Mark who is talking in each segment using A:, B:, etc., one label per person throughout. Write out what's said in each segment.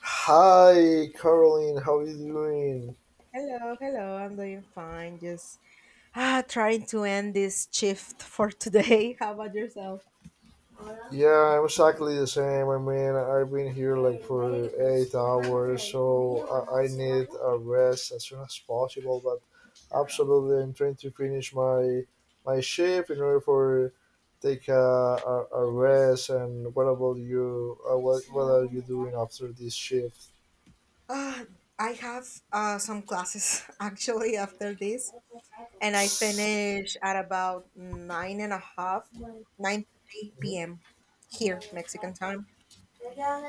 A: Hi, Caroline. How are you doing?
B: Hello, hello. I'm doing fine. Just trying to end this shift for today. How about yourself?
A: Yeah, I'm exactly the same. I mean, I've been here like for 8 hours, so I need a rest as soon as possible. But absolutely, I'm trying to finish my shift in order for take a rest. And what about you? What are you doing after this shift?
B: Ah, I have some classes actually after this, and I finish at about nine and a half, 9:30
A: Mhm.
B: p.m. here, Mexican time.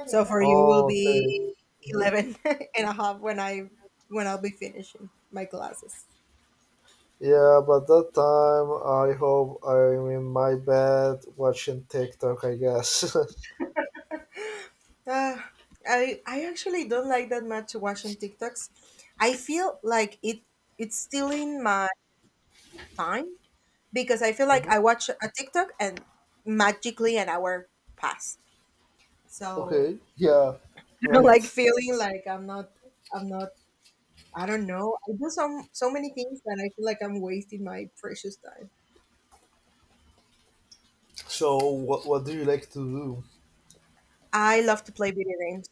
B: So for you will
A: Oh, okay.
B: be
A: Mm-hmm.
B: 11 and a half when I'll be finishing my classes.
A: Yeah, but that time I hope I'm in my bed watching TikTok, I guess.
B: Uh, I actually don't like that much watching TikToks. I feel like it's stealing my time because I feel like
A: Mhm.
B: I watch a TikTok and magically an hour pass. So
A: Okay, yeah,
B: like
A: right.
B: feeling like I'm not I don't know. I do some so many things that I feel like I'm wasting my precious time.
A: So, what do you like to do?
B: I love to play video games.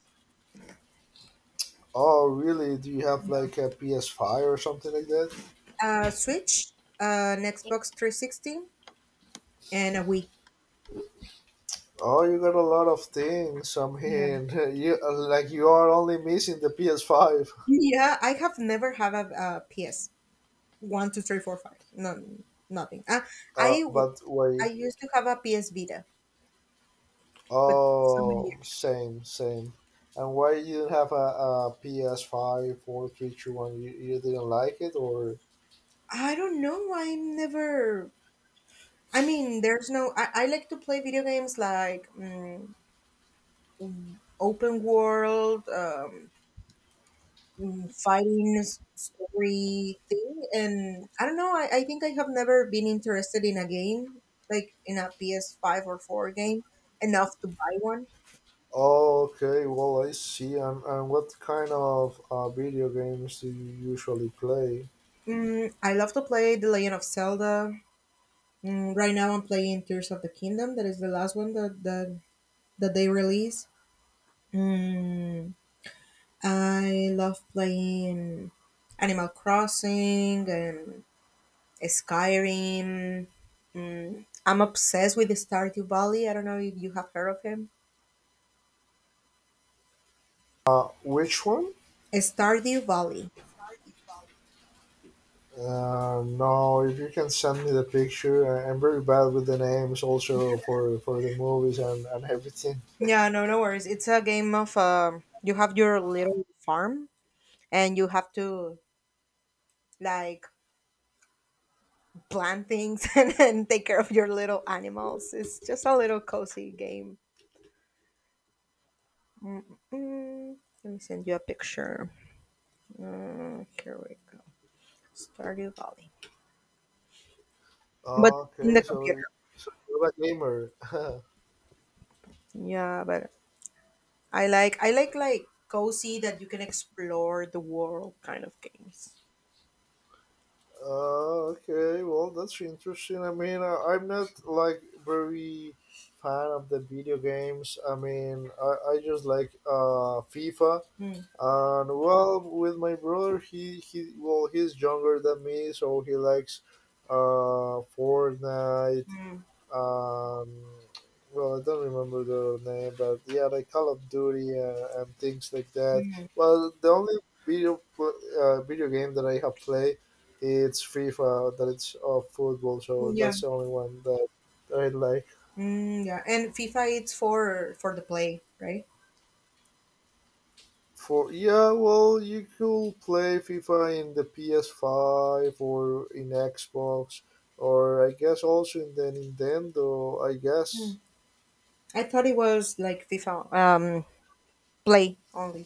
A: Oh, really? Do you have
B: You know,
A: like a PS5 or something like that?
B: Switch, an Xbox 360, and a Wii.
A: Oh, you got a lot of things. I mean, you like you are only missing the PS5.
B: Yeah, I have never have a, PS one, two, three, four, five. No, nothing. I w-
A: But
B: I
A: wait.
B: used to have a PS Vita, but so many
A: Oh,
B: years.
A: same, same. And why you didn't have a PS5? You didn't like it, or?
B: I don't know. I'm never. I mean, there's no. I like to play video games like open world, story thing, and I don't know. I think I have never been interested in a game like in a PS five or four game enough to buy one.
A: Oh, okay, well, I see. And what kind of video games do you usually play?
B: I love to play The Legend of Zelda. Right now, I'm playing Tears of the Kingdom. That is the last one that they release. Mm, I love playing Animal Crossing and Skyrim. I'm obsessed with Stardew Valley. I don't know if you have heard of him.
A: Which one?
B: Stardew Valley.
A: No, if you can send me the picture, I'm very bad with the names also for the movies and everything.
B: Yeah, no, no worries. It's a game of you have your little farm and you have to like plan things and take care of your little animals. It's just a little cozy game. Mm-mm. Let me send you a picture. Here we go. Stardew Valley, but in
A: Okay,
B: the computer.
A: so, so you're a gamer.
B: Yeah, but I like cozy that you can explore the world kind of games.
A: Okay, well, that's interesting. I mean, I'm not like very fan of the video games. I mean, I just like FIFA.
B: Mm,
A: And well, with my brother, he well, he's younger than me, so he likes Fortnite.
B: mm,
A: um well, I don't remember the name, but yeah, like Call of Duty, and things like that. Well, the only video game that I have played, it's FIFA, that it's of football, so
B: yeah,
A: that's the only one that I like.
B: yeah, and FIFA it's for the play, right?
A: For Yeah, well, you could play FIFA in the PS5 or in Xbox, or I guess also in the Nintendo, I guess.
B: Mm. I thought it was like FIFA play only.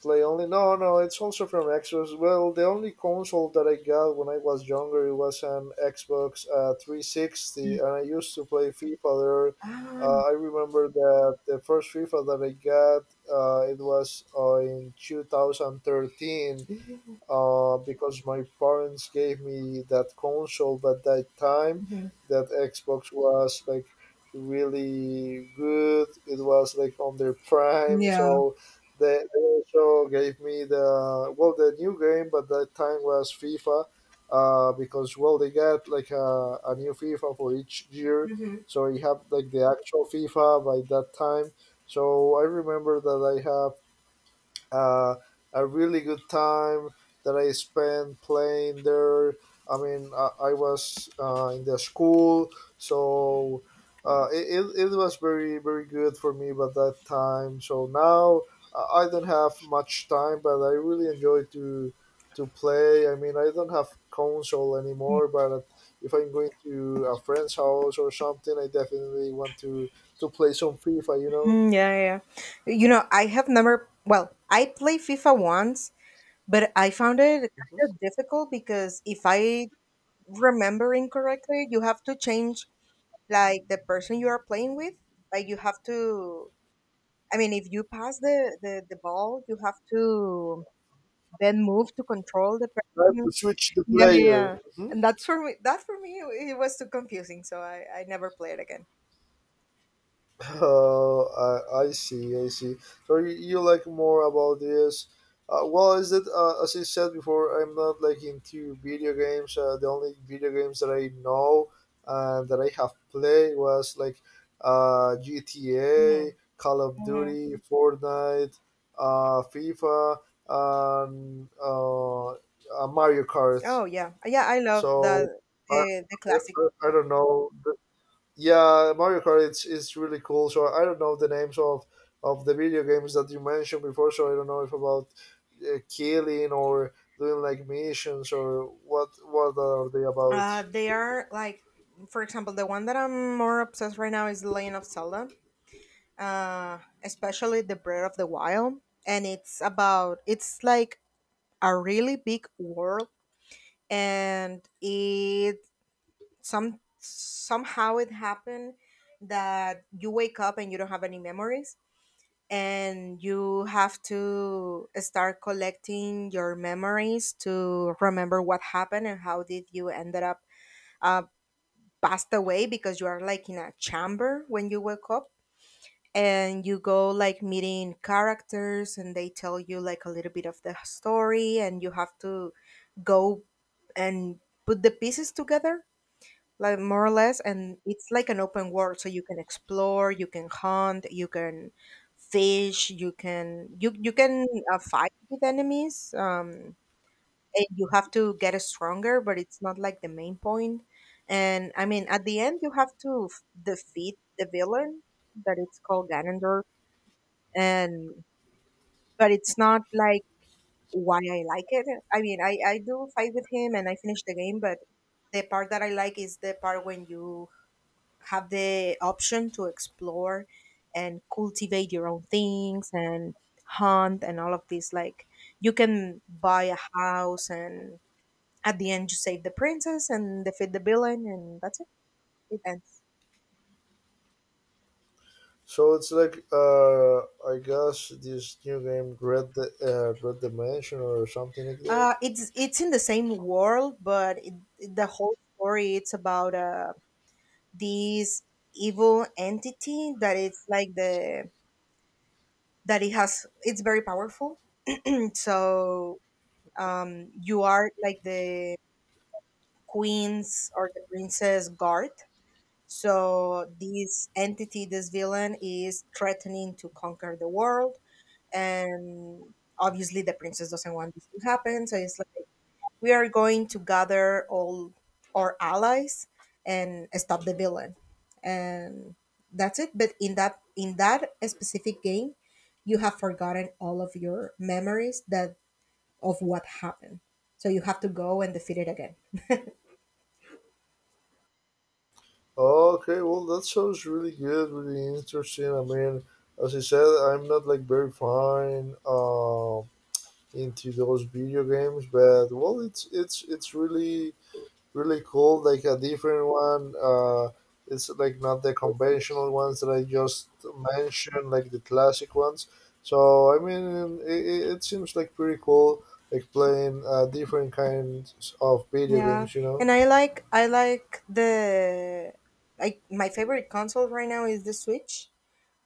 A: Play only? No, no, it's also from Xbox. Well, the only console that I got when I was younger, it was an Xbox 360, and I used to play FIFA there.
B: Ah,
A: I remember that the first FIFA that I got, it was, in 2013, because my parents gave me that console, but that time
B: mhm.
A: that Xbox was like really good. It was like on their prime,
B: Yeah.
A: so they also gave me the well the new game, but that time was FIFA, because well they got like a new FIFA for each year,
B: Hmm.
A: so I have like the actual FIFA by that time. So I remember that I have uh, a really good time that I spent playing there. I mean, I was in the school, so it was very, very good for me by that time. So now I don't have much time, but I really enjoy to play. I mean, I don't have console anymore, but if I'm going to a friend's house or something, I definitely want to play some FIFA, you know?
B: Mm, yeah, yeah. Yeah. You know, I have never, well, I played FIFA once, but I found it kind
A: Mhm.
B: of difficult because if I remember incorrectly, you have to change like the person you are playing with. Like you have to, I mean, if you pass the ball, you have to then move to control the
A: I have
B: person.
A: to switch the player.
B: Yeah.
A: Mhm.
B: And that for me, it was too confusing, so I never played again.
A: Oh, I see, I see. So you like more about this? Well, is it, as I said before? I'm not like into video games. The only video games that I know and that I have played was like GTA,
B: Mhm,
A: Call of
B: mhm.
A: Duty, Fortnite, FIFA, and Mario Kart.
B: Oh yeah, yeah. I love
A: So I,
B: the
A: I,
B: classic.
A: I don't know. Yeah, Mario Kart, it's really cool. So I don't know the names of the video games that you mentioned before. So I don't know if about killing or doing like missions or what are they about.
B: They are like, for example, the one that I'm more obsessed right now is *The Legend of Zelda. Especially the Breath of the Wild, and it's like a really big world, and it some somehow it happened that you wake up and you don't have any memories and you have to start collecting your memories to remember what happened and how did you ended up uh, passed away because you are like in a chamber when you wake up, and you go like meeting characters and they tell you like a little bit of the story and you have to go and put the pieces together like more or less. And it's like an open world, so you can explore, you can hunt, you can fish, you can you you can fight with enemies, and you have to get stronger, but it's not like the main point. And I mean at the end you have to defeat the villain that it's called Ganondorf. And but it's not like why I like it. I mean I do fight with him and I finish the game, but the part that I like is the part when you have the option to explore and cultivate your own things and hunt and all of this. Like you can buy a house, and at the end you save the princess and defeat the villain, and that's it. It ends.
A: So it's like I guess this new game Red Dimension or something like that.
B: It's in the same world, but the whole story it's about this evil entity that it's like the that it has it's very powerful. And so you are like the queen's or the princess guard. So this entity, this villain, is threatening to conquer the world, and obviously the princess doesn't want this to happen. So it's like we are going to gather all our allies and stop the villain, and that's it. But in that specific game, you have forgotten all of your memories that of what happened. So you have to go and defeat it again.
A: Okay, well, that sounds really good, really interesting. I mean, as I said, I'm not like very fine. Into those video games, but well it's really really cool, like a different one. It's like not the conventional ones that I just mentioned, like the classic ones. So I mean, it it seems like pretty cool, like playing different kinds of video
B: Yeah,
A: games, you know.
B: and I like the I my favorite console right now is the Switch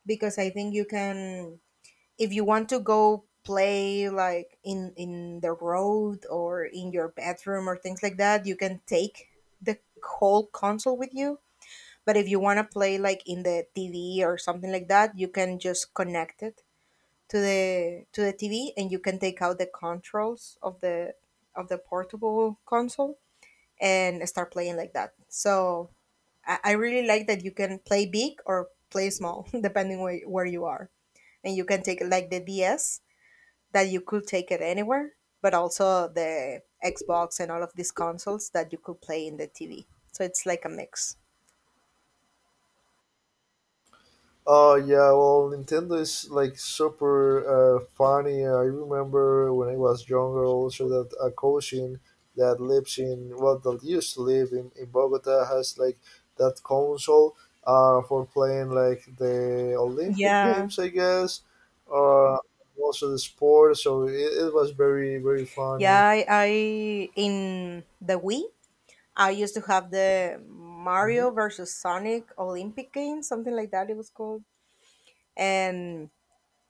B: because I think you can if you want to go play like in the road or in your bedroom or things like that, you can take the whole console with you. But if you want to play like in the TV or something like that, you can just connect it to the TV, and you can take out the controls of the portable console and start playing like that. So I really like that you can play big or play small, depending where you are. And you can take it like the DS, that you could take it anywhere, but also the Xbox and all of these consoles that you could play in the TV. So it's like a mix.
A: Oh yeah, well, Nintendo is like super funny. I remember when I was younger also that a cousin that lives in well that used to live in Bogota has like that console for playing like the Olympic
B: Yeah,
A: Games, I guess, or also the sport, so it was very very funny.
B: yeah. I in the Wii, I used to have the
A: Hmm.
B: Mario versus Sonic Olympic game, something like that. It was called, and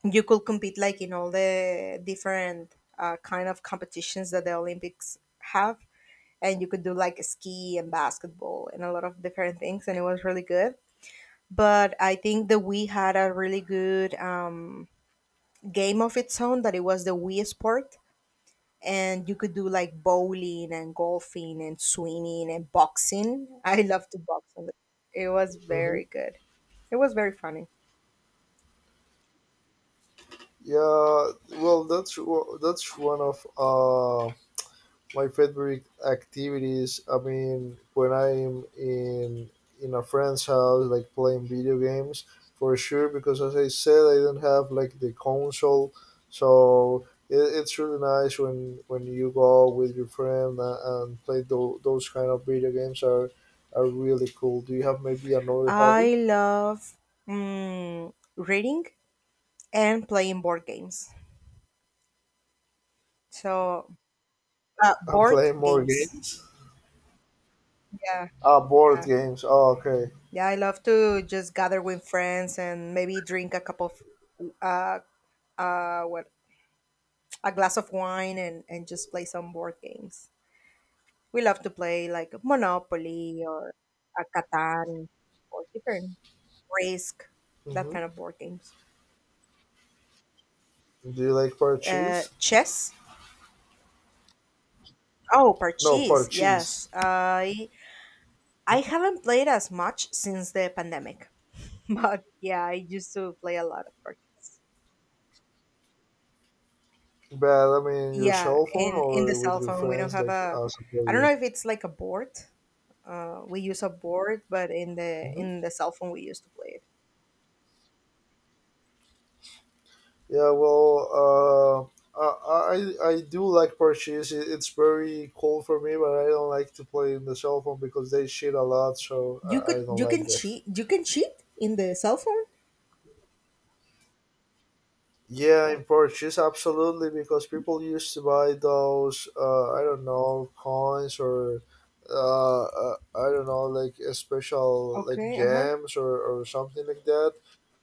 B: you could compete like in all the different kind of competitions that the Olympics have. And you could do like ski and basketball and a lot of different things, and it was really good. But I think the Wii had a really good game of its own that it was the Wii Sport. And you could do like bowling and golfing and swimming and boxing. I love to box on the it was
A: Hmm.
B: very good. It was very funny.
A: Yeah, well, that's one of my favorite activities. I mean, when I'm in a friend's house, like playing video games, for sure, because as I said, I don't have like the console. So it's really nice when you go with your friend and play those kind of video games are really cool. Do you have maybe another hobby?
B: I love reading and playing board games. So,
A: I'm
B: board
A: playing more
B: games.
A: games.
B: Yeah,
A: Ah, board
B: yeah,
A: games, oh okay.
B: yeah. I love to just gather with friends and maybe drink a cup of uh, what a glass of wine and just play some board games. We love to play like Monopoly or a Catan or different Risk, that
A: Hmm.
B: kind of board games.
A: Do you like parchees?
B: Chess. Oh,
A: No,
B: parchees.
A: parchees.
B: I haven't played as much since the pandemic. but yeah, I used to play a lot of cards.
A: But I mean, your
B: Yeah,
A: cell phone
B: in the
A: or with
B: cell
A: your
B: phone we don't
A: friends,
B: have
A: like
B: a.
A: as a
B: I don't
A: player?
B: know if it's like a board. We use a board, but
A: Hmm.
B: in the cell phone we used to play it.
A: Yeah, well, uh, I I do like parches. It's very cool for me, but I don't like to play in the cell phone because they cheat a lot, so I don't like that.
B: You can cheat in the cell phone.
A: Yeah, in Portuguese, absolutely, because people used to buy those, I don't know, coins or, I don't know, like a special, like
B: Okay. Uh huh.
A: gems or something like that.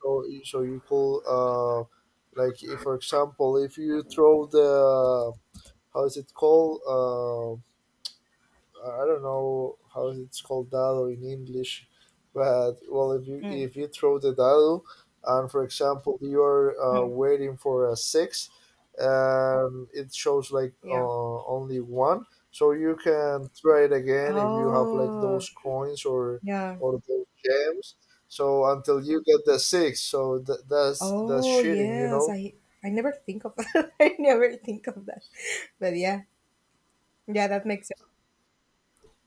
A: So, so you could, like, if, for example, if you throw the, how is it called? I don't know how it's called dado in English, but well,
B: Mm,
A: if you throw the dado, and for example you are
B: mm,
A: waiting for a six, and it shows like
B: yeah.
A: only one, so you can try it again if you have like
B: Oh
A: those coins
B: yeah.
A: or those gems. So until you get the six, so that's that's
B: Oh
A: cheating, you
B: yes.
A: know.
B: I never think of that. I never think of that. But yeah, yeah, that makes sense.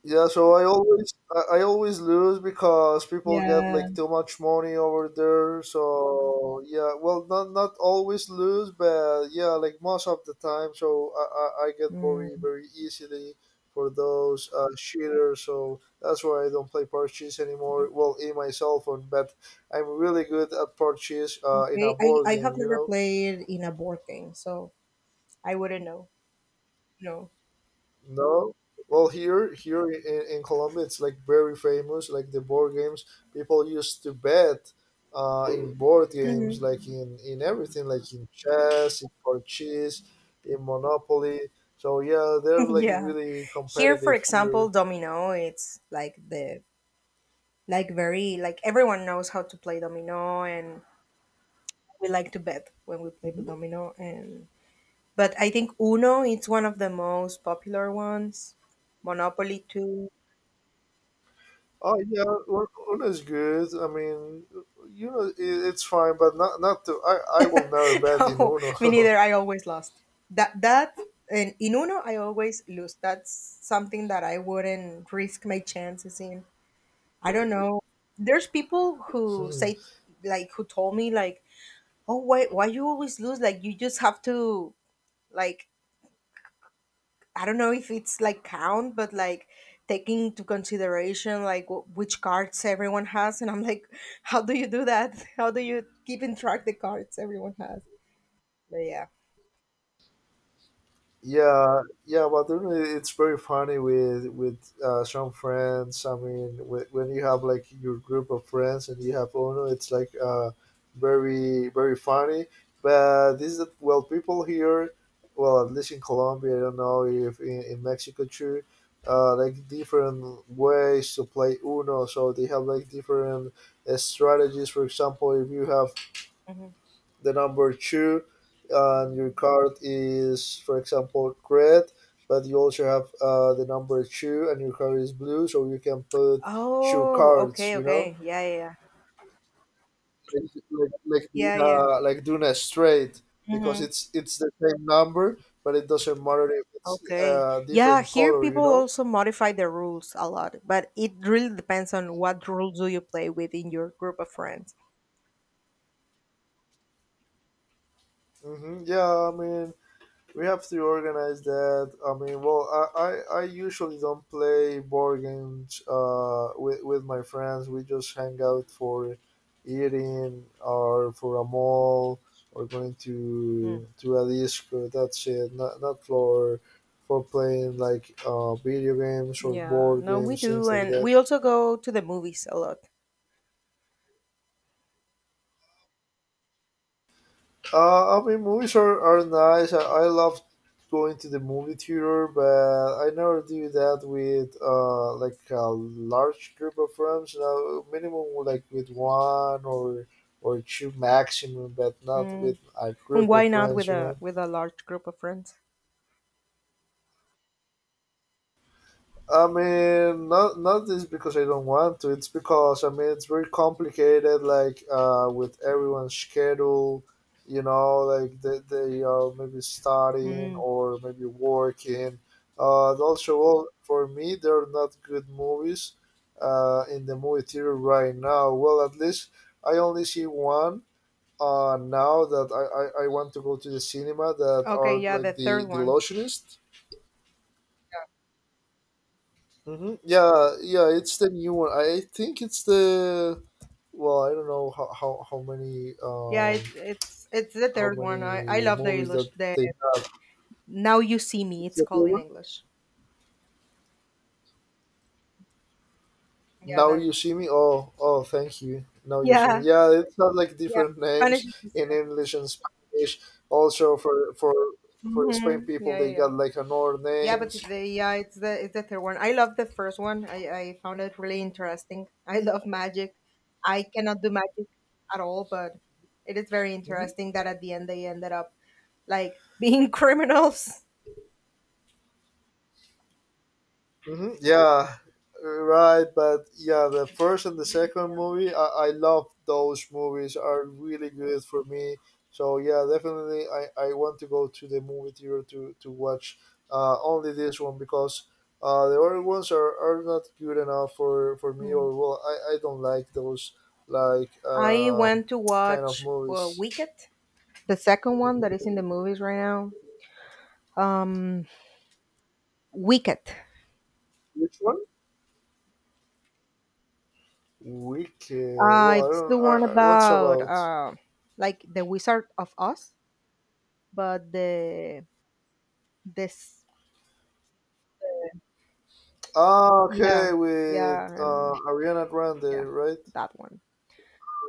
A: Yeah, so I always I always lose because people get
B: Yeah.
A: like too much money over there. So yeah, well, not not always lose, but yeah, like most of the time. So I get very
B: Mm.
A: very easily for those cheaters. So that's why I don't play purchase anymore. Well, in my cell phone, but I'm really good at purchase in a
B: Okay,
A: board
B: I
A: game.
B: have
A: You
B: never
A: know.
B: played in a board game, so I wouldn't know. No.
A: No. Well, here here in Colombia, it's like very famous. Like the board games, people used to bet in board games,
B: Mhm.
A: like in everything, like in chess, in parchís, in Monopoly. So yeah, they're like
B: yeah.
A: really
B: Here, for
A: competitive
B: example,
A: here.
B: domino. It's like the like very like everyone knows how to play domino, and we like to bet when we play the
A: Mhm.
B: domino. And but I think Uno it's one of the most popular ones. Monopoly too.
A: Oh yeah, Uno's good. I mean, you know, it, it's fine, but not not to. I will never bet in
B: no, me
A: Uno.
B: neither. I always lost. That that and in Uno, I always lose. That's something that I wouldn't risk my chances in. I don't know. There's people who say like who told me like, oh why you always lose? Like you just have to like I don't know if it's like count, but like taking into consideration like which cards everyone has, and I'm like how do you do that? how do you keep in track the cards everyone has? But yeah.
A: Yeah, yeah, but then it's very funny with some friends. I mean, when you have like your group of friends and you have Uno, it's like very very funny. But this is well, people here, well, at least in Colombia, I don't know if in, in Mexico too, like different ways to play Uno. So they have like different strategies. For example, if you have
B: Mm-hmm.
A: the number two and your card is for example red, but you also have the number two and your card is blue, so you can put two
B: Oh,
A: cards,
B: okay,
A: you know,
B: okay. Yeah,
A: like doing
B: yeah,
A: like doing a straight, because
B: yeah. Hmm.
A: it's the same number, but it doesn't matter if it's
B: Okay.
A: a
B: Yeah,
A: different
B: here
A: color, you
B: people
A: know.
B: also modify the rules a lot, but it really depends on what rules do you play within your group of friends.
A: Hmm. Yeah, I mean, we have to organize that. I mean, well, I usually don't play board games with my friends. We just hang out for eating or for a mall or going
B: Mm.
A: to a disco. That's it. Not, not for for playing like video games or
B: Yeah,
A: board
B: no, we
A: games, things
B: do,
A: like
B: and
A: that.
B: we also go to the movies a lot.
A: I mean, movies are nice. I love going to the movie theater, but I never do that with like a large group of friends. Now, minimum like with one or two maximum, but not with
B: Mm.
A: a
B: And
A: group of
B: why not
A: friends.
B: with
A: You know.
B: a large group of friends?
A: I mean, not not this because I don't want to. It's because I mean it's very complicated. Like with everyone's schedule, you know, like they are maybe studying
B: Mm.
A: or maybe working. And also, well, for me, there are not good movies in the movie theater right now. Well, at least I only see one, now that I want to go to the cinema, that are
B: Okay, yeah,
A: like
B: the
A: the
B: third
A: the
B: one.
A: Illusionist. Mm-hmm. Yeah, yeah, it's the new one. I think it's the well, I don't know how many
B: Yeah, it's the
A: how
B: third one. I
A: many
B: love the
A: movies that
B: illus the
A: they have.
B: Now You See Me.
A: It's
B: It's
A: the third
B: called in
A: one.
B: English. Yeah,
A: Now
B: that.
A: You See Me. Oh, oh, thank you. Now You See Me.
B: Yeah,
A: Yeah, it's have like
B: Yeah,
A: different names
B: Spanish is the
A: in English and Spanish. Also for Spain
B: hmm
A: people,
B: Yeah,
A: they
B: yeah, yeah.
A: got like another
B: Yeah, but
A: names.
B: yeah, it's the third one. I love the first one. I found it really interesting. I love magic. I cannot do magic at all, but it is very interesting that at the end they ended up like being criminals.
A: Yeah, right. But yeah, the first and the second movie, I love those movies. Are really good for me. So yeah, definitely, I want to go to the movie theater to watch only this one because the other ones are not good enough for me or
B: Mm.
A: well, I don't like those like
B: I went to
A: kind of
B: watch
A: movies.
B: Wicked, the second one that is in the movies right now. Um, Wicked.
A: Which one? Wicked. Well, I
B: It's
A: don't.
B: the one
A: What's
B: about
A: about?
B: like the Wizard of Oz. But the this
A: Ah,
B: yeah
A: okay,
B: yeah
A: with
B: and
A: Ariana
B: yeah,
A: Grande, right?
B: that one.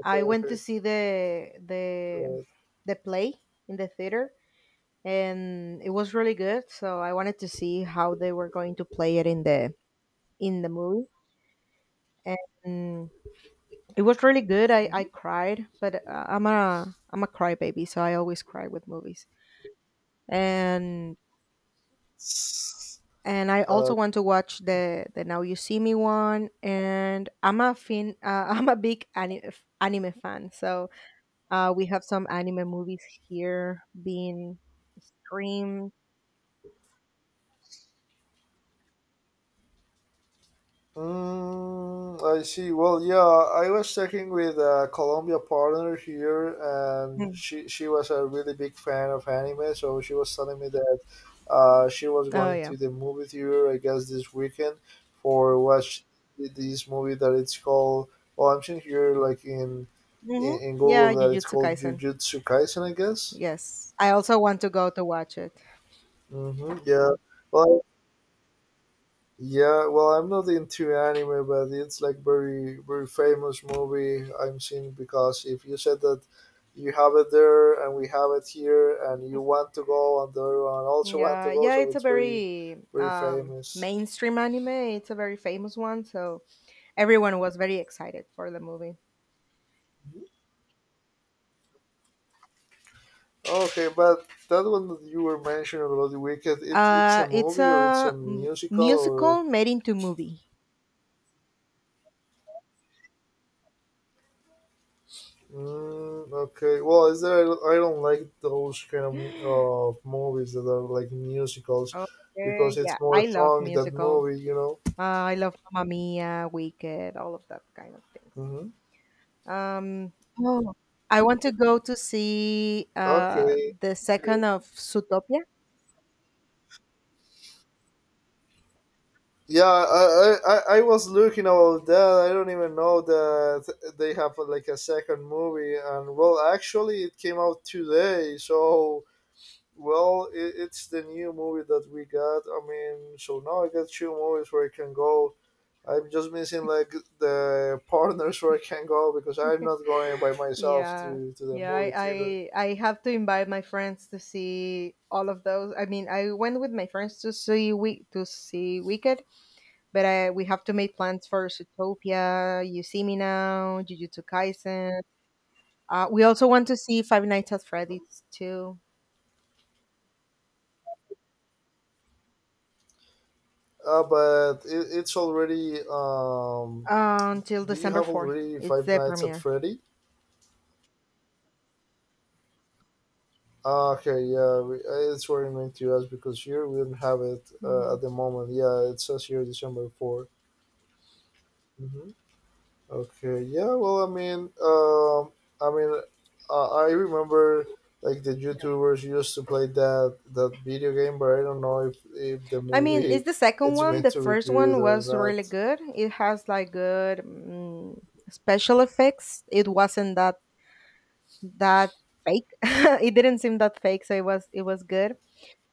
A: Okay,
B: I went
A: okay,
B: to see the the
A: right.
B: the play in the theater, and it was really good, so I wanted to see how they were going to play it in the movie. And it was really good. I
A: Mm-hmm.
B: cried, but I'm a crybaby, so I always cry with movies. And and I
A: Uh,
B: also want to watch the Now You See Me one. And I'm a I'm a big anime fan, so we have some anime movies here being streamed.
A: I see. Well, yeah, I was talking with a Colombia partner here, and
B: Mhm.
A: she was a really big fan of anime, so she was telling me that she was
B: Oh
A: going
B: yeah,
A: to the movie theater, I guess, this weekend for watch this movie that it's called. Well, I'm seeing here
B: hmm
A: in Google
B: yeah,
A: that it's
B: Jujutsu
A: called
B: Kaisen.
A: Jujutsu Kaisen, I guess.
B: Yes, I also want to go to watch it.
A: Mm-hmm. Yeah. Well, yeah. Well, I'm not into anime, but it's like very, very famous movie I'm seeing because if you said that you have it there and we have it here, and you want to go, and the other one also want to
B: Yeah,
A: go,
B: yeah,
A: so
B: it's a
A: it's very,
B: very
A: very famous.
B: mainstream anime. It's a very famous one, so everyone was very excited for the movie.
A: Okay, but that one that you were mentioning about the Wicked, it's a
B: It's
A: movie or it's a
B: a
A: musical or
B: musical made into movie.
A: mm, okay. Well, is there? I don't like those kind of movies that are like musicals, because
B: Okay, yeah,
A: it's more
B: I love
A: song than
B: musicals.
A: movie. You know.
B: Uh, I love Mamma Mia, Wicked, all of that kind of things.
A: Mm-hmm.
B: Um, oh, I want to go to see
A: Okay.
B: the
A: Good.
B: second of Zootopia.
A: Yeah, I was looking about that. I don't even know that they have like a second movie, and well, actually, it came out today, so well, it's the new movie that we got. I mean, so now I got two movies where I can go. I'm just missing like the partners where I can go because I'm not going by myself
B: Yeah,
A: to the
B: yeah,
A: movie theater.
B: I have to invite my friends to see all of those. I mean, I went with my friends to see Wicked. But we have to make plans for Zootopia, You See Me Now, Jujutsu Kaisen. We also want to see Five Nights at Freddy's too,
A: But it's already.
B: until
A: Do you
B: December
A: have
B: 4th.
A: already
B: It's
A: Five
B: the
A: Nights at
B: premiere.
A: Freddy? Ah, okay, yeah, we, it's what I meant to ask because here we don't have it at
B: Hmm.
A: the moment. Yeah, it says here December 4th. Okay. Yeah. Well, I mean, I remember like the YouTubers used to play that video game, but I don't know if the
B: I mean, it's
A: movie
B: the second
A: it's
B: one.
A: going
B: The
A: to be
B: first
A: good
B: one
A: or
B: was
A: not.
B: really good. It has like good special effects. It wasn't that fake. It didn't seem that fake, so it was good.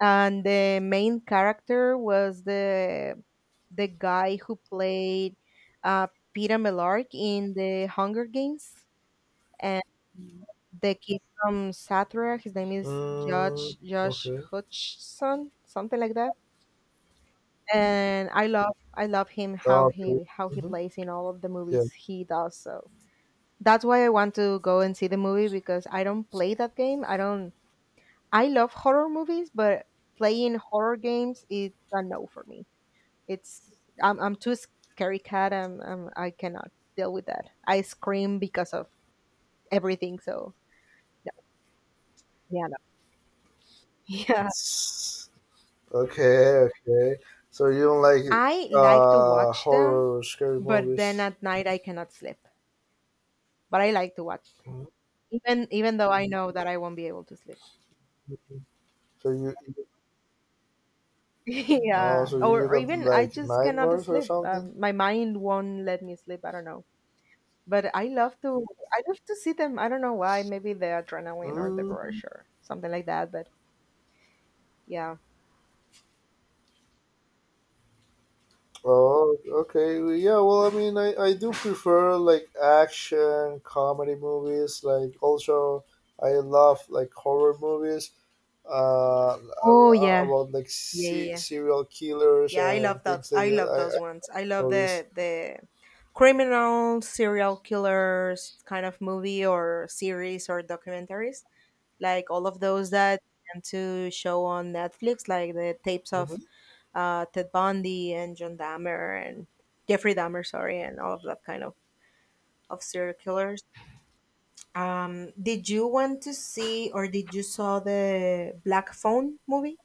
B: And the main character was the guy who played uh, Peter Millark in the Hunger Games, and the kid from Satra. His name is
A: Mm,
B: Josh
A: okay.
B: Hutcherson, something like that. And I love him, how
A: Oh, okay.
B: he
A: hmm
B: plays in all of the
A: Yeah.
B: movies he does. So that's why I want to go and see the movie, because I don't play that game. I don't. I love horror movies, but playing horror games is a no for me. It's I'm too scary cat. I cannot deal with that. I scream because of everything. So no, yeah, no. Yeah.
A: It's okay. Okay. So you don't like
B: I like to watch them,
A: horror or scary
B: but then
A: movies?
B: at night I cannot sleep. But I like to watch them,
A: Mhm.
B: even even though I know that I won't be able to sleep.
A: So you, oh,
B: Yeah,
A: so you
B: or
A: got
B: even I
A: like
B: just cannot
A: nightmares or
B: sleep.
A: something?
B: My mind won't let me sleep. I don't know. But I love to see them. I don't know why. Maybe the adrenaline or the
A: Mm.
B: rush or something like that. But yeah.
A: Oh, okay. Well, yeah, well, I mean, I do prefer like action comedy movies. Like, also, I love like horror movies. I
B: Oh
A: lo-
B: yeah.
A: about like
B: Yeah, yeah, yeah.
A: serial killers
B: Yeah, I
A: and
B: love that.
A: things like
B: I
A: that.
B: love those
A: I
B: ones. I love
A: movies.
B: the criminal serial killers kind of movie or series or documentaries, like all of those that tend to show on Netflix, like the tapes
A: hmm
B: of Ted Bundy and John Dahmer and Jeffrey Dahmer, sorry, and all of that kind of serial killers. Did you want to see, or did you saw the Black Phone movie?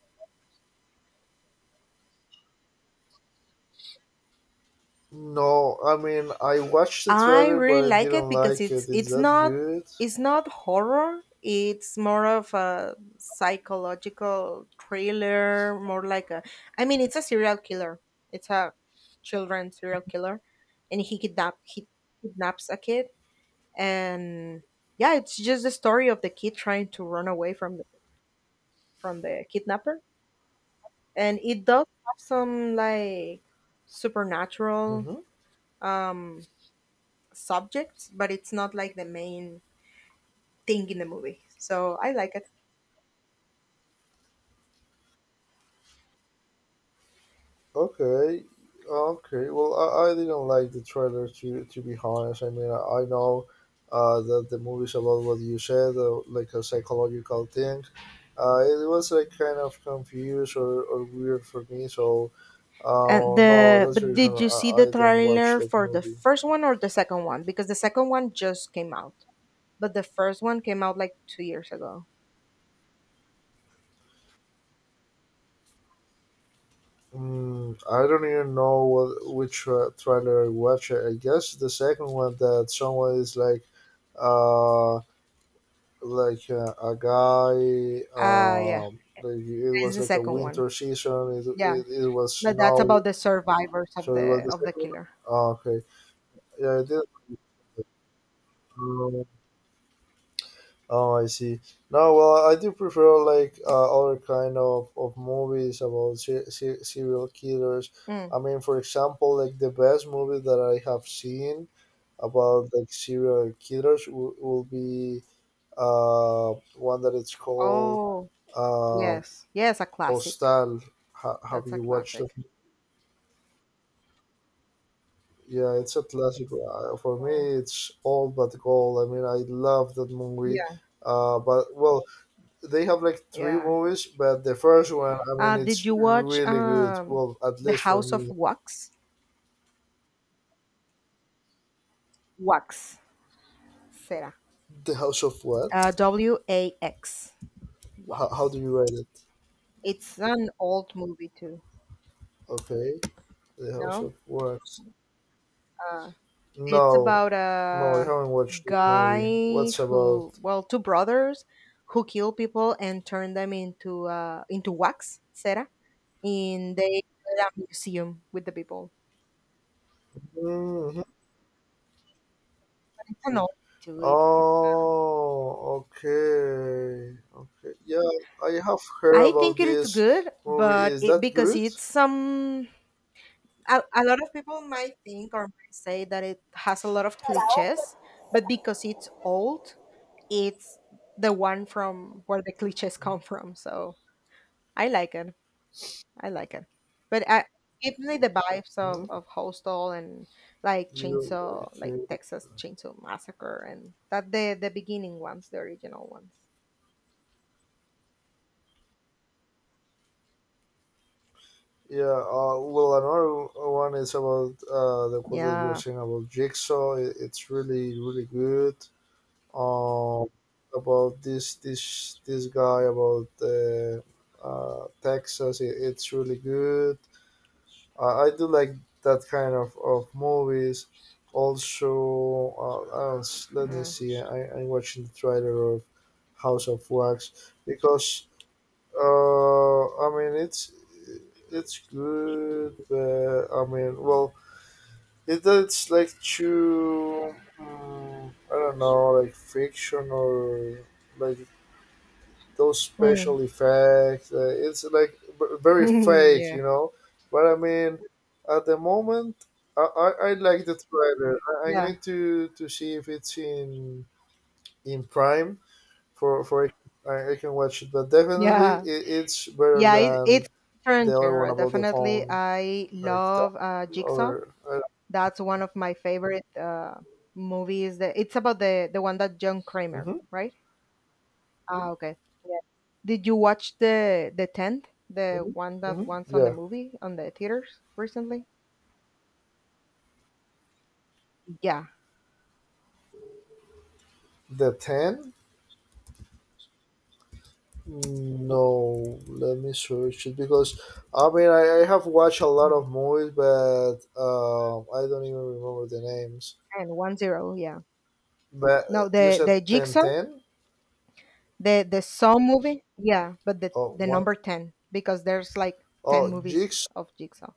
A: No, I mean, I watched the
B: I
A: trailer, but
B: really
A: I
B: like it
A: didn't
B: because
A: like
B: it's
A: it. Is
B: it's
A: that
B: not
A: good?
B: it's not horror. It's more of a psychological thriller, more like a I mean it's a serial killer. It's a children serial killer, and he kidnaps a kid, and yeah, it's just the story of the kid trying to run away from the kidnapper. And it does have some like supernatural
A: hmm
B: um subjects, but it's not like the main thing in the movie. So I like it.
A: Okay, okay. Well, I didn't like the trailer to be honest. I mean, I know that the movie's about what you said, like a psychological thing. It was like kind of confused or weird for me. So,
B: And
A: no,
B: the
A: that's the
B: but
A: reason
B: did you see the
A: I don't watch
B: trailer
A: that
B: for the
A: movie.
B: first one or the second one? Because the second one just came out, but the first one came out like 2 years ago.
A: Mm, I don't even know what which trailer I watched. I guess the second one that someone is like. Uh, a guy
B: Yeah,
A: like it
B: it's
A: was
B: the
A: like a
B: second one.
A: winter season
B: Yeah,
A: it was
B: but that's
A: snow
B: about the survivors of
A: so it was
B: the
A: the
B: of the
A: second.
B: killer.
A: Oh, okay, yeah I did. um, oh, I see. No, well, I do prefer like other kind of movies about serial killers. I
B: Mm.
A: mean for example like the best movie that I have seen about like serial killers will be one that it's called
B: Oh
A: um
B: yes, yes, a classic.
A: Hostal. Have
B: That's a
A: you watched it?
B: classic.
A: Yeah, it's a classic. For me, it's all but gold. I mean, I love that movie.
B: Yeah,
A: But well, they have like three
B: yeah.
A: movies, but the first one, I mean,
B: Did
A: it's
B: you watch
A: really good. Well, at
B: the
A: least for
B: House of
A: me.
B: Wax? Wax, Sarah.
A: The House of What?
B: Wax.
A: How do
B: Wax.
A: you rate it?
B: It's an old movie too.
A: Okay, the House
B: No,
A: of What?
B: uh, it's
A: No,
B: about
A: no, I
B: a
A: haven't watched this movie.
B: guy
A: What's about?
B: who, well, two brothers who kill people and turn them into wax, cera, In they museum with the people.
A: Mhm.
B: It's an old too.
A: Oh, okay. Okay. Yeah, I have heard
B: I
A: about
B: think it's
A: this
B: good,
A: movie.
B: but
A: Is
B: it
A: that
B: because
A: good?
B: it's some a lot of people might think or might say that it has a lot of cliches, but because it's old, it's the one from where the cliches come from. So I like it. I like it. But I give me the vibes
A: hmm
B: of Hostel and like
A: You,
B: Chainsaw, like
A: you-
B: Texas Chainsaw Massacre and that the beginning ones, the original ones.
A: yeah. Well, another one is about the quote that you were
B: Yeah.
A: saying about Jigsaw. It's really, really good. Um, about this guy about Texas. It, it's really good. I do like that kind of movies. Also, I don't let me
B: Yeah.
A: see. I, I'm watching the trailer of House of Wax because I mean it's good, but I mean, well, it, it's like too. Mm, I don't know, like fiction or like those
B: Mm.
A: special effects. It's like very fake,
B: Yeah.
A: you know. But I mean, at the moment, I like the trailer. I, I'm
B: Yeah.
A: going to see if it's in Prime for I can watch it. But definitely,
B: Yeah.
A: it, it's better
B: Yeah. It,
A: than
B: it's
A: the
B: different
A: other one
B: genre.
A: about the
B: Definitely.
A: phone,
B: I
A: like that,
B: love Jigsaw.
A: or
B: That's one of my favorite movies. That it's about the one that John Kramer,
A: hmm
B: right? Ah, okay. Yeah. Did you watch the tenth, the
A: hmm
B: one that once on the
A: yeah,
B: movie on the theaters recently? Yeah,
A: the ten. No, let me search it because I mean I have watched a lot of movies, but I don't even remember the names.
B: and 10. Yeah.
A: But
B: No,
A: you
B: the
A: said
B: the
A: ten
B: Jigsaw,
A: ten
B: the Saw movie. Yeah, but the
A: or
B: the
A: one
B: number ten, because there's like ten
A: oh
B: movies
A: Jigs,
B: of Jigsaw.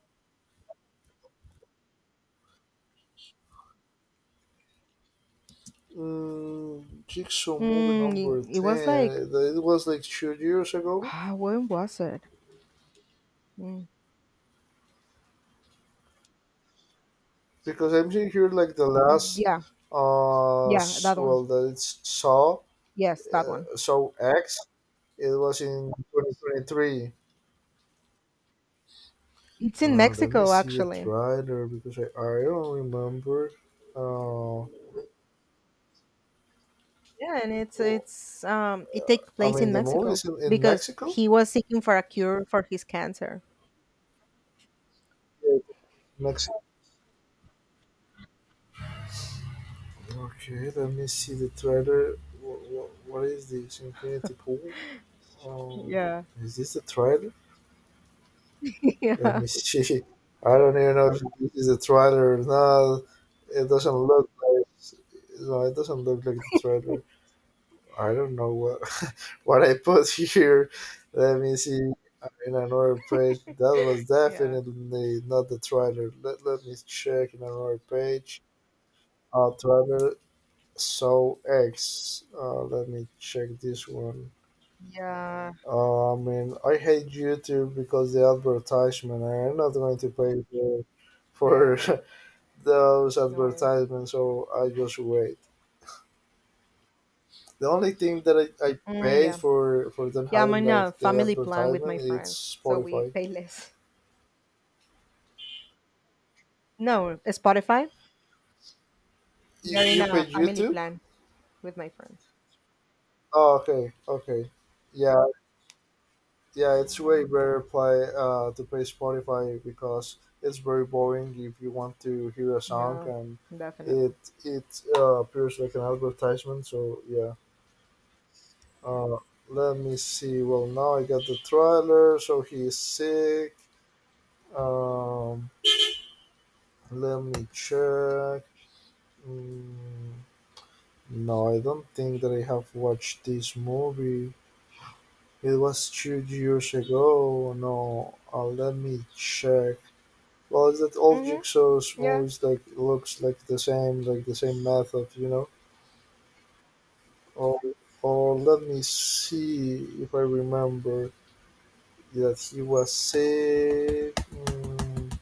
A: mm, Jigsaw movie number
B: Mm, it was like
A: ten. That- it was like 2 years ago
B: ah, when was it? Mm,
A: because I'm seeing here like the last
B: yeah, yeah, that one.
A: well that it's Saw
B: Yes, that one.
A: Saw X. It was in 2023.
B: It's in
A: Let me
B: Mexico,
A: see the
B: actually.
A: trailer because I don't remember. Oh,
B: Yeah, and it's it takes
A: I
B: place
A: mean,
B: in
A: the movie
B: Mexico
A: is in
B: because
A: Mexico?
B: he was seeking for a cure for his cancer.
A: Yeah, it's Mexico. Okay, let me see the trailer. What is this? Infinity Pool? Um,
B: Yeah.
A: is this the trailer? Let
B: Yeah.
A: me see. I don't even know if this is the trailer or not. It doesn't look like. No, it doesn't look like the trailer. I don't know what I put here. Let me see. I'm in another page. That was
B: Yeah.
A: definitely not the trailer. Let me check in another page. Trailer so X. Let me check this one.
B: Yeah.
A: I mean, I hate YouTube because the advertisement. I'm not going to pay
B: Yeah. Yeah.
A: for those
B: No worries.
A: advertisements, so I just wait. The only thing that I
B: Mm,
A: paid
B: yeah.
A: for them
B: Yeah, I'm
A: having
B: in a
A: like the
B: family plan with my
A: advertisement
B: friends,
A: it's
B: so we
A: Spotify.
B: pay less. No, Spotify. We are in
A: You
B: a
A: paid
B: family
A: YouTube?
B: plan with my friends.
A: Oh, okay, okay. Yeah, yeah. It's way better play Spotify because it's very boring if you want to hear a song
B: Yeah,
A: and it
B: definitely.
A: it appears like an advertisement. So yeah. Uh, let me see. Well, now I got the trailer. So he's sick. Um, let me check. Mm, no, I don't think that I have watched this movie. It was 2 years ago. No, uh, let me check. Well, it's that all?
B: Mm-hmm.
A: Jigsaws
B: Yeah.
A: movies like looks like the same method, you know. Or, or let me see if I remember that he was sick. Mm,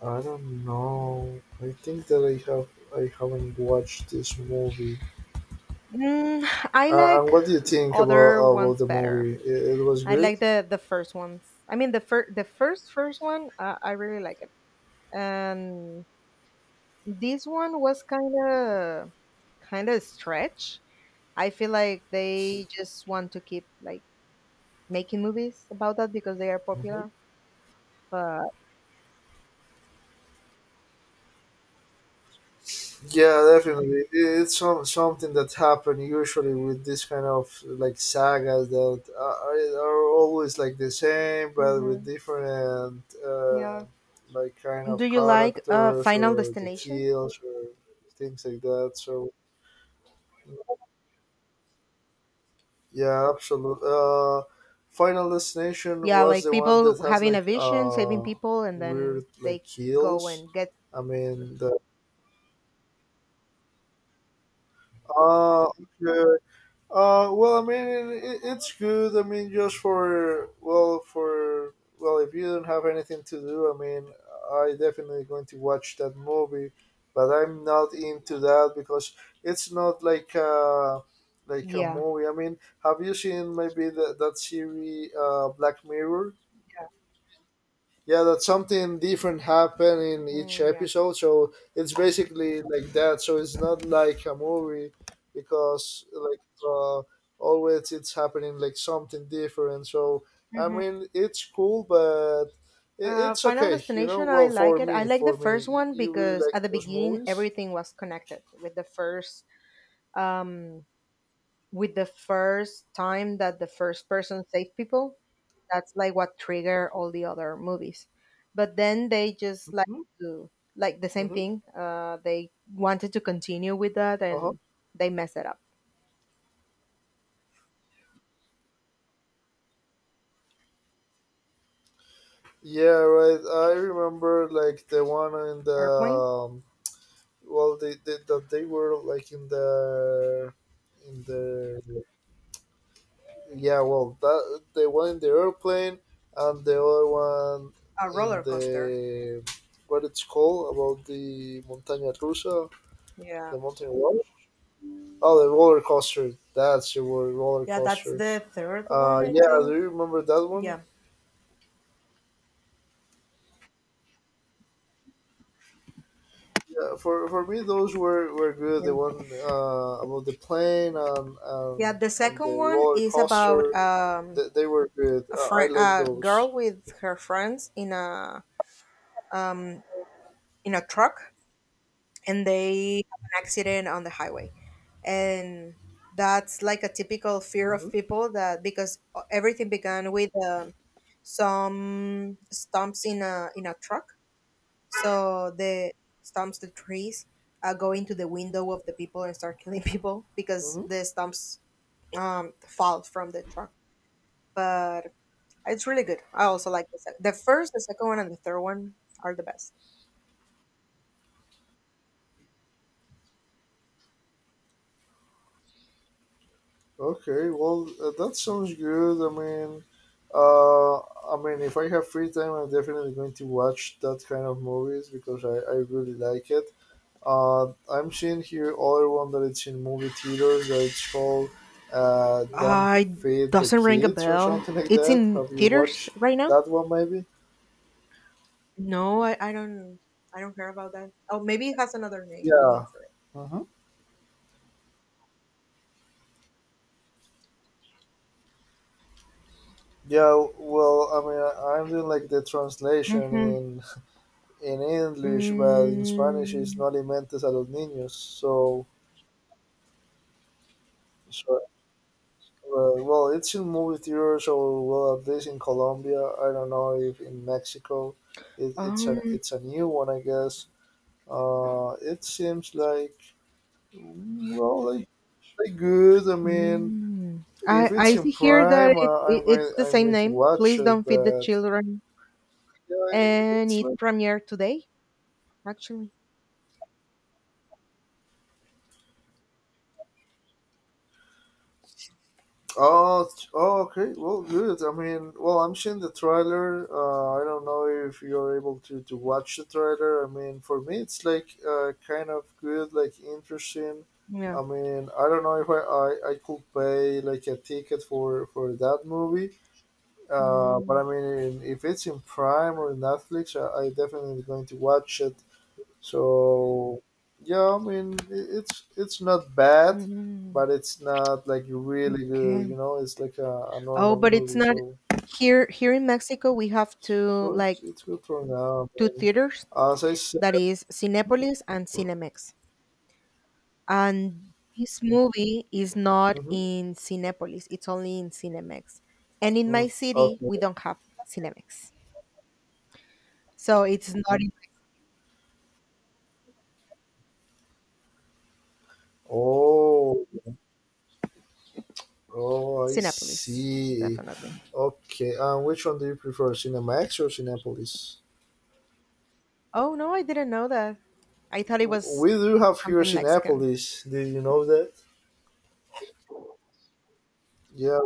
A: I don't know. I think that I haven't watched this movie.
B: Mm, I
A: And
B: like
A: what do you think
B: other
A: about
B: ones
A: the
B: better.
A: movie? It was
B: I
A: good.
B: like the first ones. I mean the first the first one. I really like it. And this one was kind of stretch. I feel like they just want to keep like making movies about that because they are
A: Mhm.
B: popular. But
A: Yeah, definitely. It's some, something that happen usually with this kind of like sagas that are always like the same, but with
B: Mhm.
A: different
B: Yeah,
A: like kind
B: do
A: of
B: you like
A: characters
B: Final
A: or the
B: Destination?
A: kills or things like that. So yeah, absolutely. Final Destination
B: Yeah,
A: was
B: like
A: the one that
B: people
A: has
B: having a
A: like
B: vision, saving people, and
A: weird
B: then
A: like
B: they go
A: kills.
B: and get
A: I mean the ah okay, uh, well, I mean, it, it's good. I mean, just for well, if you don't have anything to do, I mean, I definitely going to watch that movie, but I'm not into that because it's not like a like a
B: yeah,
A: movie. I mean, have you seen maybe that that series, Black Mirror? Yeah, that something different happen in each
B: mm, yeah.
A: episode. So it's basically like that. So it's not like a movie because like uh, always it's happening like something different. So I mean, it's cool, but i- it's
B: Final
A: okay. You know,
B: Destination, I
A: well
B: like it. I like the
A: for me,
B: first
A: you,
B: one
A: you really
B: because
A: like
B: at the
A: those
B: beginning
A: movies.
B: everything was connected um with the first time that the first person saved people. That's like what trigger all the other movies. But then they just like to like the same
A: Mm-hmm.
B: thing. They wanted to continue with that,
A: Uh huh.
B: and they messed it up.
A: Yeah, right. I remember like the one in the
B: Airplane,
A: um, well, they that they were like in the yeah well that the one in the airplane and the other one
B: a
A: in
B: roller coaster.
A: the what it's called about the montaña rusa
B: Yeah,
A: the mountain roller oh the roller coaster that's the word roller
B: yeah, that's
A: coaster
B: the third one, I
A: yeah do
B: think.
A: you remember that one
B: Yeah.
A: yeah for me those were good
B: Yeah.
A: the one about the plane
B: Yeah, the
A: and the
B: second one
A: roller
B: is
A: coaster.
B: about
A: They were good.
B: a
A: I
B: friend,
A: like
B: a
A: those.
B: girl with her friends um, in a truck, and they have an accident on the highway, and that's like a typical fear of
A: hmm
B: people that because everything began with some stumps in a truck, so the stumps, the trees, go into the window of the people and start killing people because the
A: hmm
B: stumps fall from the truck, but It's really good. I also like the the first, the second one, and the third one are the best.
A: Okay, well, that sounds good. Uh, I mean, if I have free time, I'm definitely going to watch that kind of movies because I really like it. I'm seeing here other one that it's in movie theaters that it's called "Don't
B: I
A: Feed the
B: doesn't ring a
A: Kids" or
B: bell.
A: something like
B: It's
A: that.
B: in
A: Have you
B: theaters
A: watched
B: right now.
A: that one? Maybe.
B: No, I don't. I don't care about that. Oh, maybe it has another name. Let me
A: Yeah.
B: look for it.
A: hmm Yeah. Well, I mean, I'm doing like the translation
B: Mm-hmm.
A: in English, but in Spanish it's No
B: Mm,
A: alimentes a los niños. So, so well, it's in movie theaters, or well, at least in Colombia. I don't know if in Mexico,
B: um,
A: it's a new one, I guess. It seems like well, like, like good. I mean,
B: mm.
A: if it's
B: I
A: in
B: see here that
A: Prime,
B: it's the
A: I'm
B: same
A: going to
B: name.
A: watch
B: Please
A: it,
B: don't feed the
A: but
B: children.
A: yeah,
B: And
A: it's
B: it
A: like.
B: premiered today, actually.
A: Oh, oh, okay. Well, good. I mean, well, I'm seeing the trailer. I don't know if you're able to watch the trailer. I mean, for me, it's like kind of good, like interesting.
B: Yeah.
A: I mean, I don't know if I could pay like a ticket for that movie. But I mean, if it's in Prime or Netflix, I definitely going to watch it. So yeah, I mean. It's not bad,
B: Mm-hmm.
A: but it's not like really good. You know, it's like a
B: Oh,
A: normal
B: but it's
A: movie.
B: not
A: So
B: here here in Mexico we have two
A: so it's
B: like
A: it's good for now.
B: two
A: Man.
B: theaters
A: As I said,
B: that is Cinépolis and Cinemex. And this movie is not
A: hmm,
B: in Cinépolis, it's only in Cinemex. And in my city
A: okay.
B: we don't have Cinemex. So it's not in
A: Oh, oh, I
B: Cinépolis,
A: see.
B: definitely.
A: Okay, and which one do you prefer, Cinemax or Cinepolis?
B: Oh no, I didn't know that. I thought it was
A: We do have here
B: something Mexican.
A: Cinepolis. Did you know that? Yeah,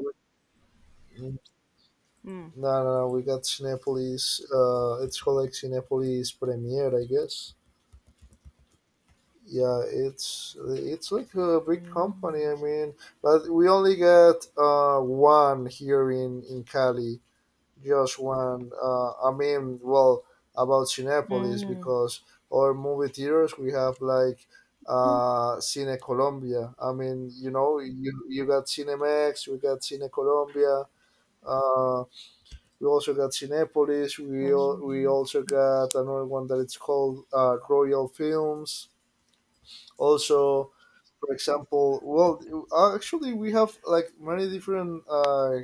B: Mm.
A: no, no, no. We got Cinepolis. It's called like Cinepolis Premier, I guess. Yeah, it's like a big
B: Mm.
A: company. I mean, but we only get one here in Cali. Just one. I mean, well, about Cinepolis
B: Mm.
A: because our movie theaters we have like Cine Colombia. I mean, you know, you got Cinemex, we got Cine Colombia. Uh. We also got Cinepolis.
B: Mm.
A: We also got another one that it's called Royal Films. Also, for example, well, actually we have like many different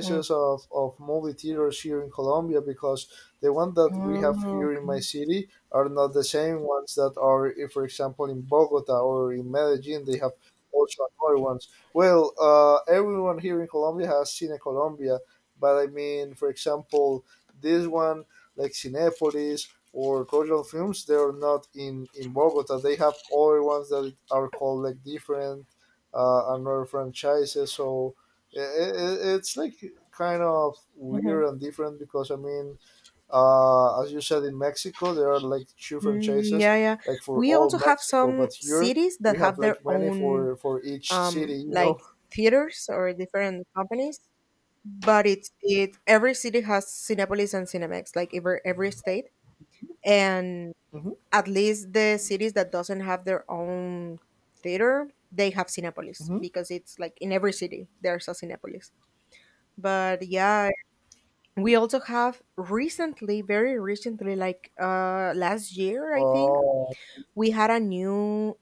B: Mm. Mm.
A: of movie theaters here in Colombia, because the one that we have
B: Oh,
A: here in my
B: okay.
A: city are not the same ones that are eh, for example in Bogota or in Medellin, they have also another ones. Well, everyone here in Colombia has Cine Colombia, but I mean, for example, this one like Cinepolis or Croatian films, they are not in Bogota. They have other ones that are called like different another franchises. So I it's like kind of weird
B: Mm-hmm.
A: and different because I mean, as you said, in Mexico there are like two
B: Mm,
A: franchises
B: yeah, yeah.
A: like for
B: We
A: all
B: also have
A: Mexico,
B: some
A: but here
B: cities
A: we
B: that
A: have
B: have their
A: like many
B: own
A: for each city. You
B: like
A: know.
B: theaters or different companies, but it's it every city has Cinepolis and Cinemex, like every state. And
A: Hmm,
B: at least the cities that doesn't have their own theater, they have Cinepolis
A: hmm.
B: because it's like in every city there's a Cinepolis. But yeah, we also have recently, very recently, like last year, I think,
A: Oh.
B: we had a new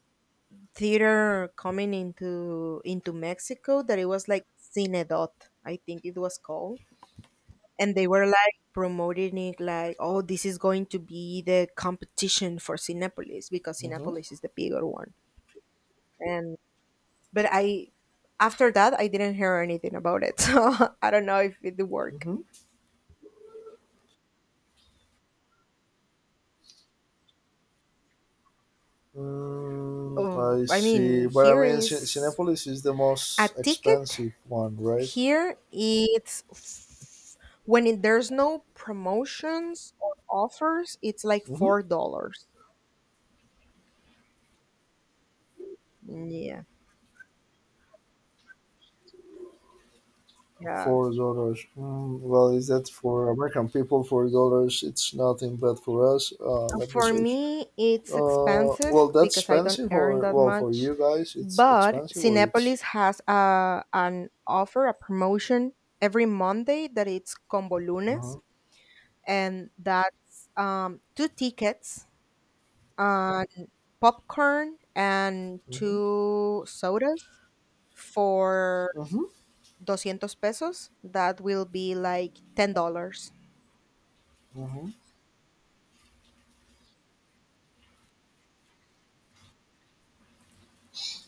B: theater coming into Mexico that it was like Cinedot, I think it was called. And they were like promoting it like, oh, this is going to be the competition for Cinepolis because
A: Hmm,
B: Cinepolis is the bigger one. And but I after that I didn't hear anything about it. So I don't know if it worked.
A: hmm. Mm,
B: Oh,
A: I
B: I
A: see,
B: mean,
A: but I
B: here
A: mean,
B: is
A: Cinepolis is the
B: a
A: most
B: ticket
A: expensive one, right?
B: Here it's when it, there's no promotions or offers, it's like
A: Mm-hmm.
B: $4. Yeah, yeah.
A: $4. Mm, well, is that for American people? $4. It's nothing, but for us, let me
B: For
A: search.
B: me, it's expensive
A: Well, that's
B: because I don't
A: expensive,
B: earn
A: or
B: that
A: well, for
B: much.
A: you guys, it's
B: But
A: expensive, or it's.
B: Cinepolis has a, an offer, a promotion every Monday that it's Combo
A: Uh-huh.
B: Lunes, and that's two tickets and popcorn and
A: Mm-hmm.
B: two sodas for
A: Mm-hmm.
B: 200 pesos. That will be like $10.
A: Mm-hmm.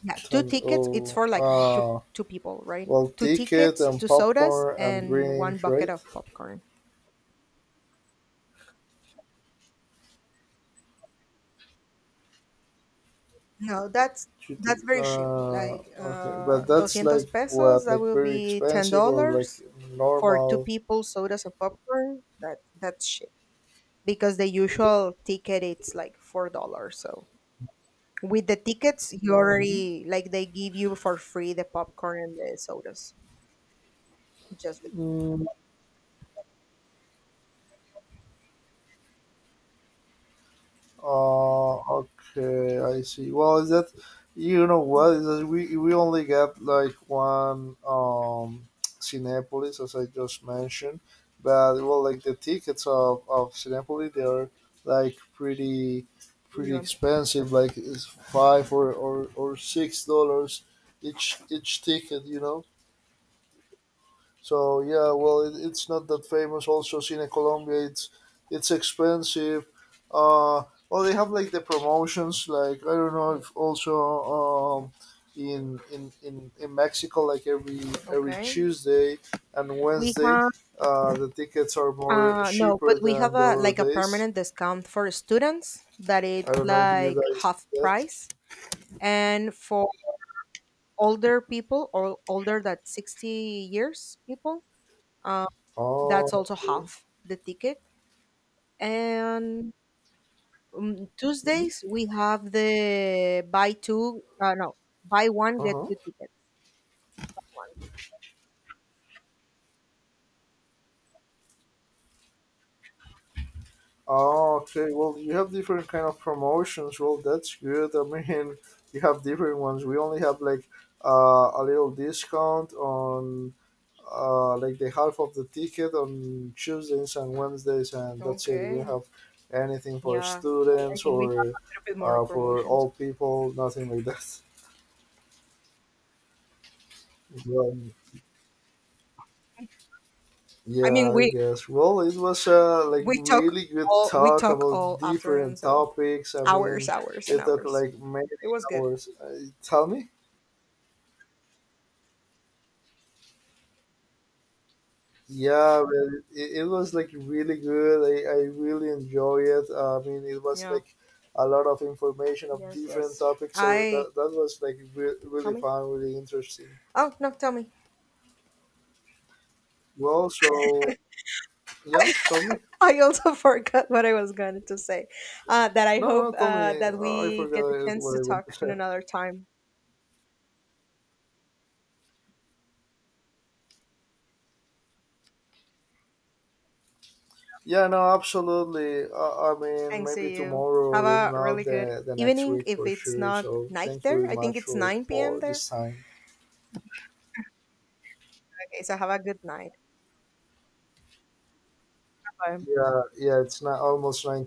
B: Yeah, two
A: Time,
B: tickets. It's
A: oh,
B: for like two two people, right?
A: well,
B: Two
A: ticket
B: tickets,
A: and
B: two sodas,
A: popcorn and
B: and one
A: drink,
B: bucket
A: right?
B: of popcorn. No,
A: GT.
B: that's very cheap. Like
A: Okay, but that's
B: 200
A: like
B: pesos,
A: what,
B: that
A: like
B: will
A: very
B: be
A: expensive or like
B: $10 for two
A: normal?
B: people, sodas and popcorn. That that's cheap because the usual ticket it's like $4. So with the tickets, you
A: Mhm.
B: already like they give you for free the popcorn and the sodas just with
A: Mm, uh, okay, I see. Well, is that, you know what
B: Mm.
A: is that, we only get like one Cinepolis, as I just mentioned, but well, like the tickets of Cinepolis, they are like pretty pretty
B: Yeah.
A: expensive, like it's five or $6 each ticket, you know. So yeah, well, it, it's not that famous. Also, Cine Colombia, it's expensive. Uh, well, they have like the promotions. Like I don't know
B: Mm.
A: if also um, in, in Mexico, like every
B: Okay.
A: Tuesday and
B: We
A: Wednesday,
B: have
A: the tickets are more
B: no, but
A: cheaper
B: we have
A: than the
B: a
A: other
B: like a
A: days.
B: permanent discount for students that
A: I
B: it's
A: don't know if you
B: like
A: guys
B: half
A: that.
B: price. And for older people or older than 60 years people, uh,
A: Oh,
B: that's also
A: okay.
B: half the ticket. And
A: Hmm.
B: Tuesdays we have the buy two no, buy one
A: Uh
B: get
A: huh.
B: two tickets one.
A: Oh, okay. Well, you have different kind of promotions. Well, that's good. I mean, you have different ones. We only have like a little discount on like the half of the ticket on Tuesdays and Wednesdays, and that's it. We don't
B: Okay.
A: have anything for
B: Yeah. I
A: students
B: think we have
A: or
B: a little bit more of
A: for
B: promotions.
A: all people. Nothing like that. Yeah.
B: I
A: Yeah,
B: mean,
A: I guess. Well, it was a like
B: we talk
A: really good
B: we
A: talk
B: talk
A: about
B: all afternoon,
A: different
B: so
A: topics. I
B: hours,
A: mean,
B: hours,
A: you
B: and
A: talk
B: hours.
A: like many
B: It was good.
A: hours. Tell me. Yeah, but it was like really good. I really enjoy it. I mean, it was
B: Yeah.
A: like a lot of information of
B: Yes.
A: different
B: Yes.
A: topics. So
B: I
A: that, that was like
B: tell
A: really
B: me.
A: fun, really interesting.
B: Oh no, tell me.
A: Well, so yeah, tell me.
B: I also forgot what I was going to say. That I
A: No, no, no,
B: hope
A: tell me.
B: that
A: I
B: we get the
A: forgot
B: chance
A: what
B: to
A: I want
B: talk
A: to say.
B: in another time.
A: Yeah, no, absolutely. I mean,
B: Thanks to
A: maybe
B: you.
A: tomorrow
B: Have
A: or even
B: a
A: now
B: really good
A: the next
B: evening
A: week
B: if
A: for
B: it's
A: sure.
B: not
A: So
B: night
A: thank you
B: there.
A: very
B: I think
A: much
B: it's 9 p.m.
A: for
B: there.
A: this time.
B: Okay, so have a good night. Bye.
A: Yeah, yeah, it's not almost nine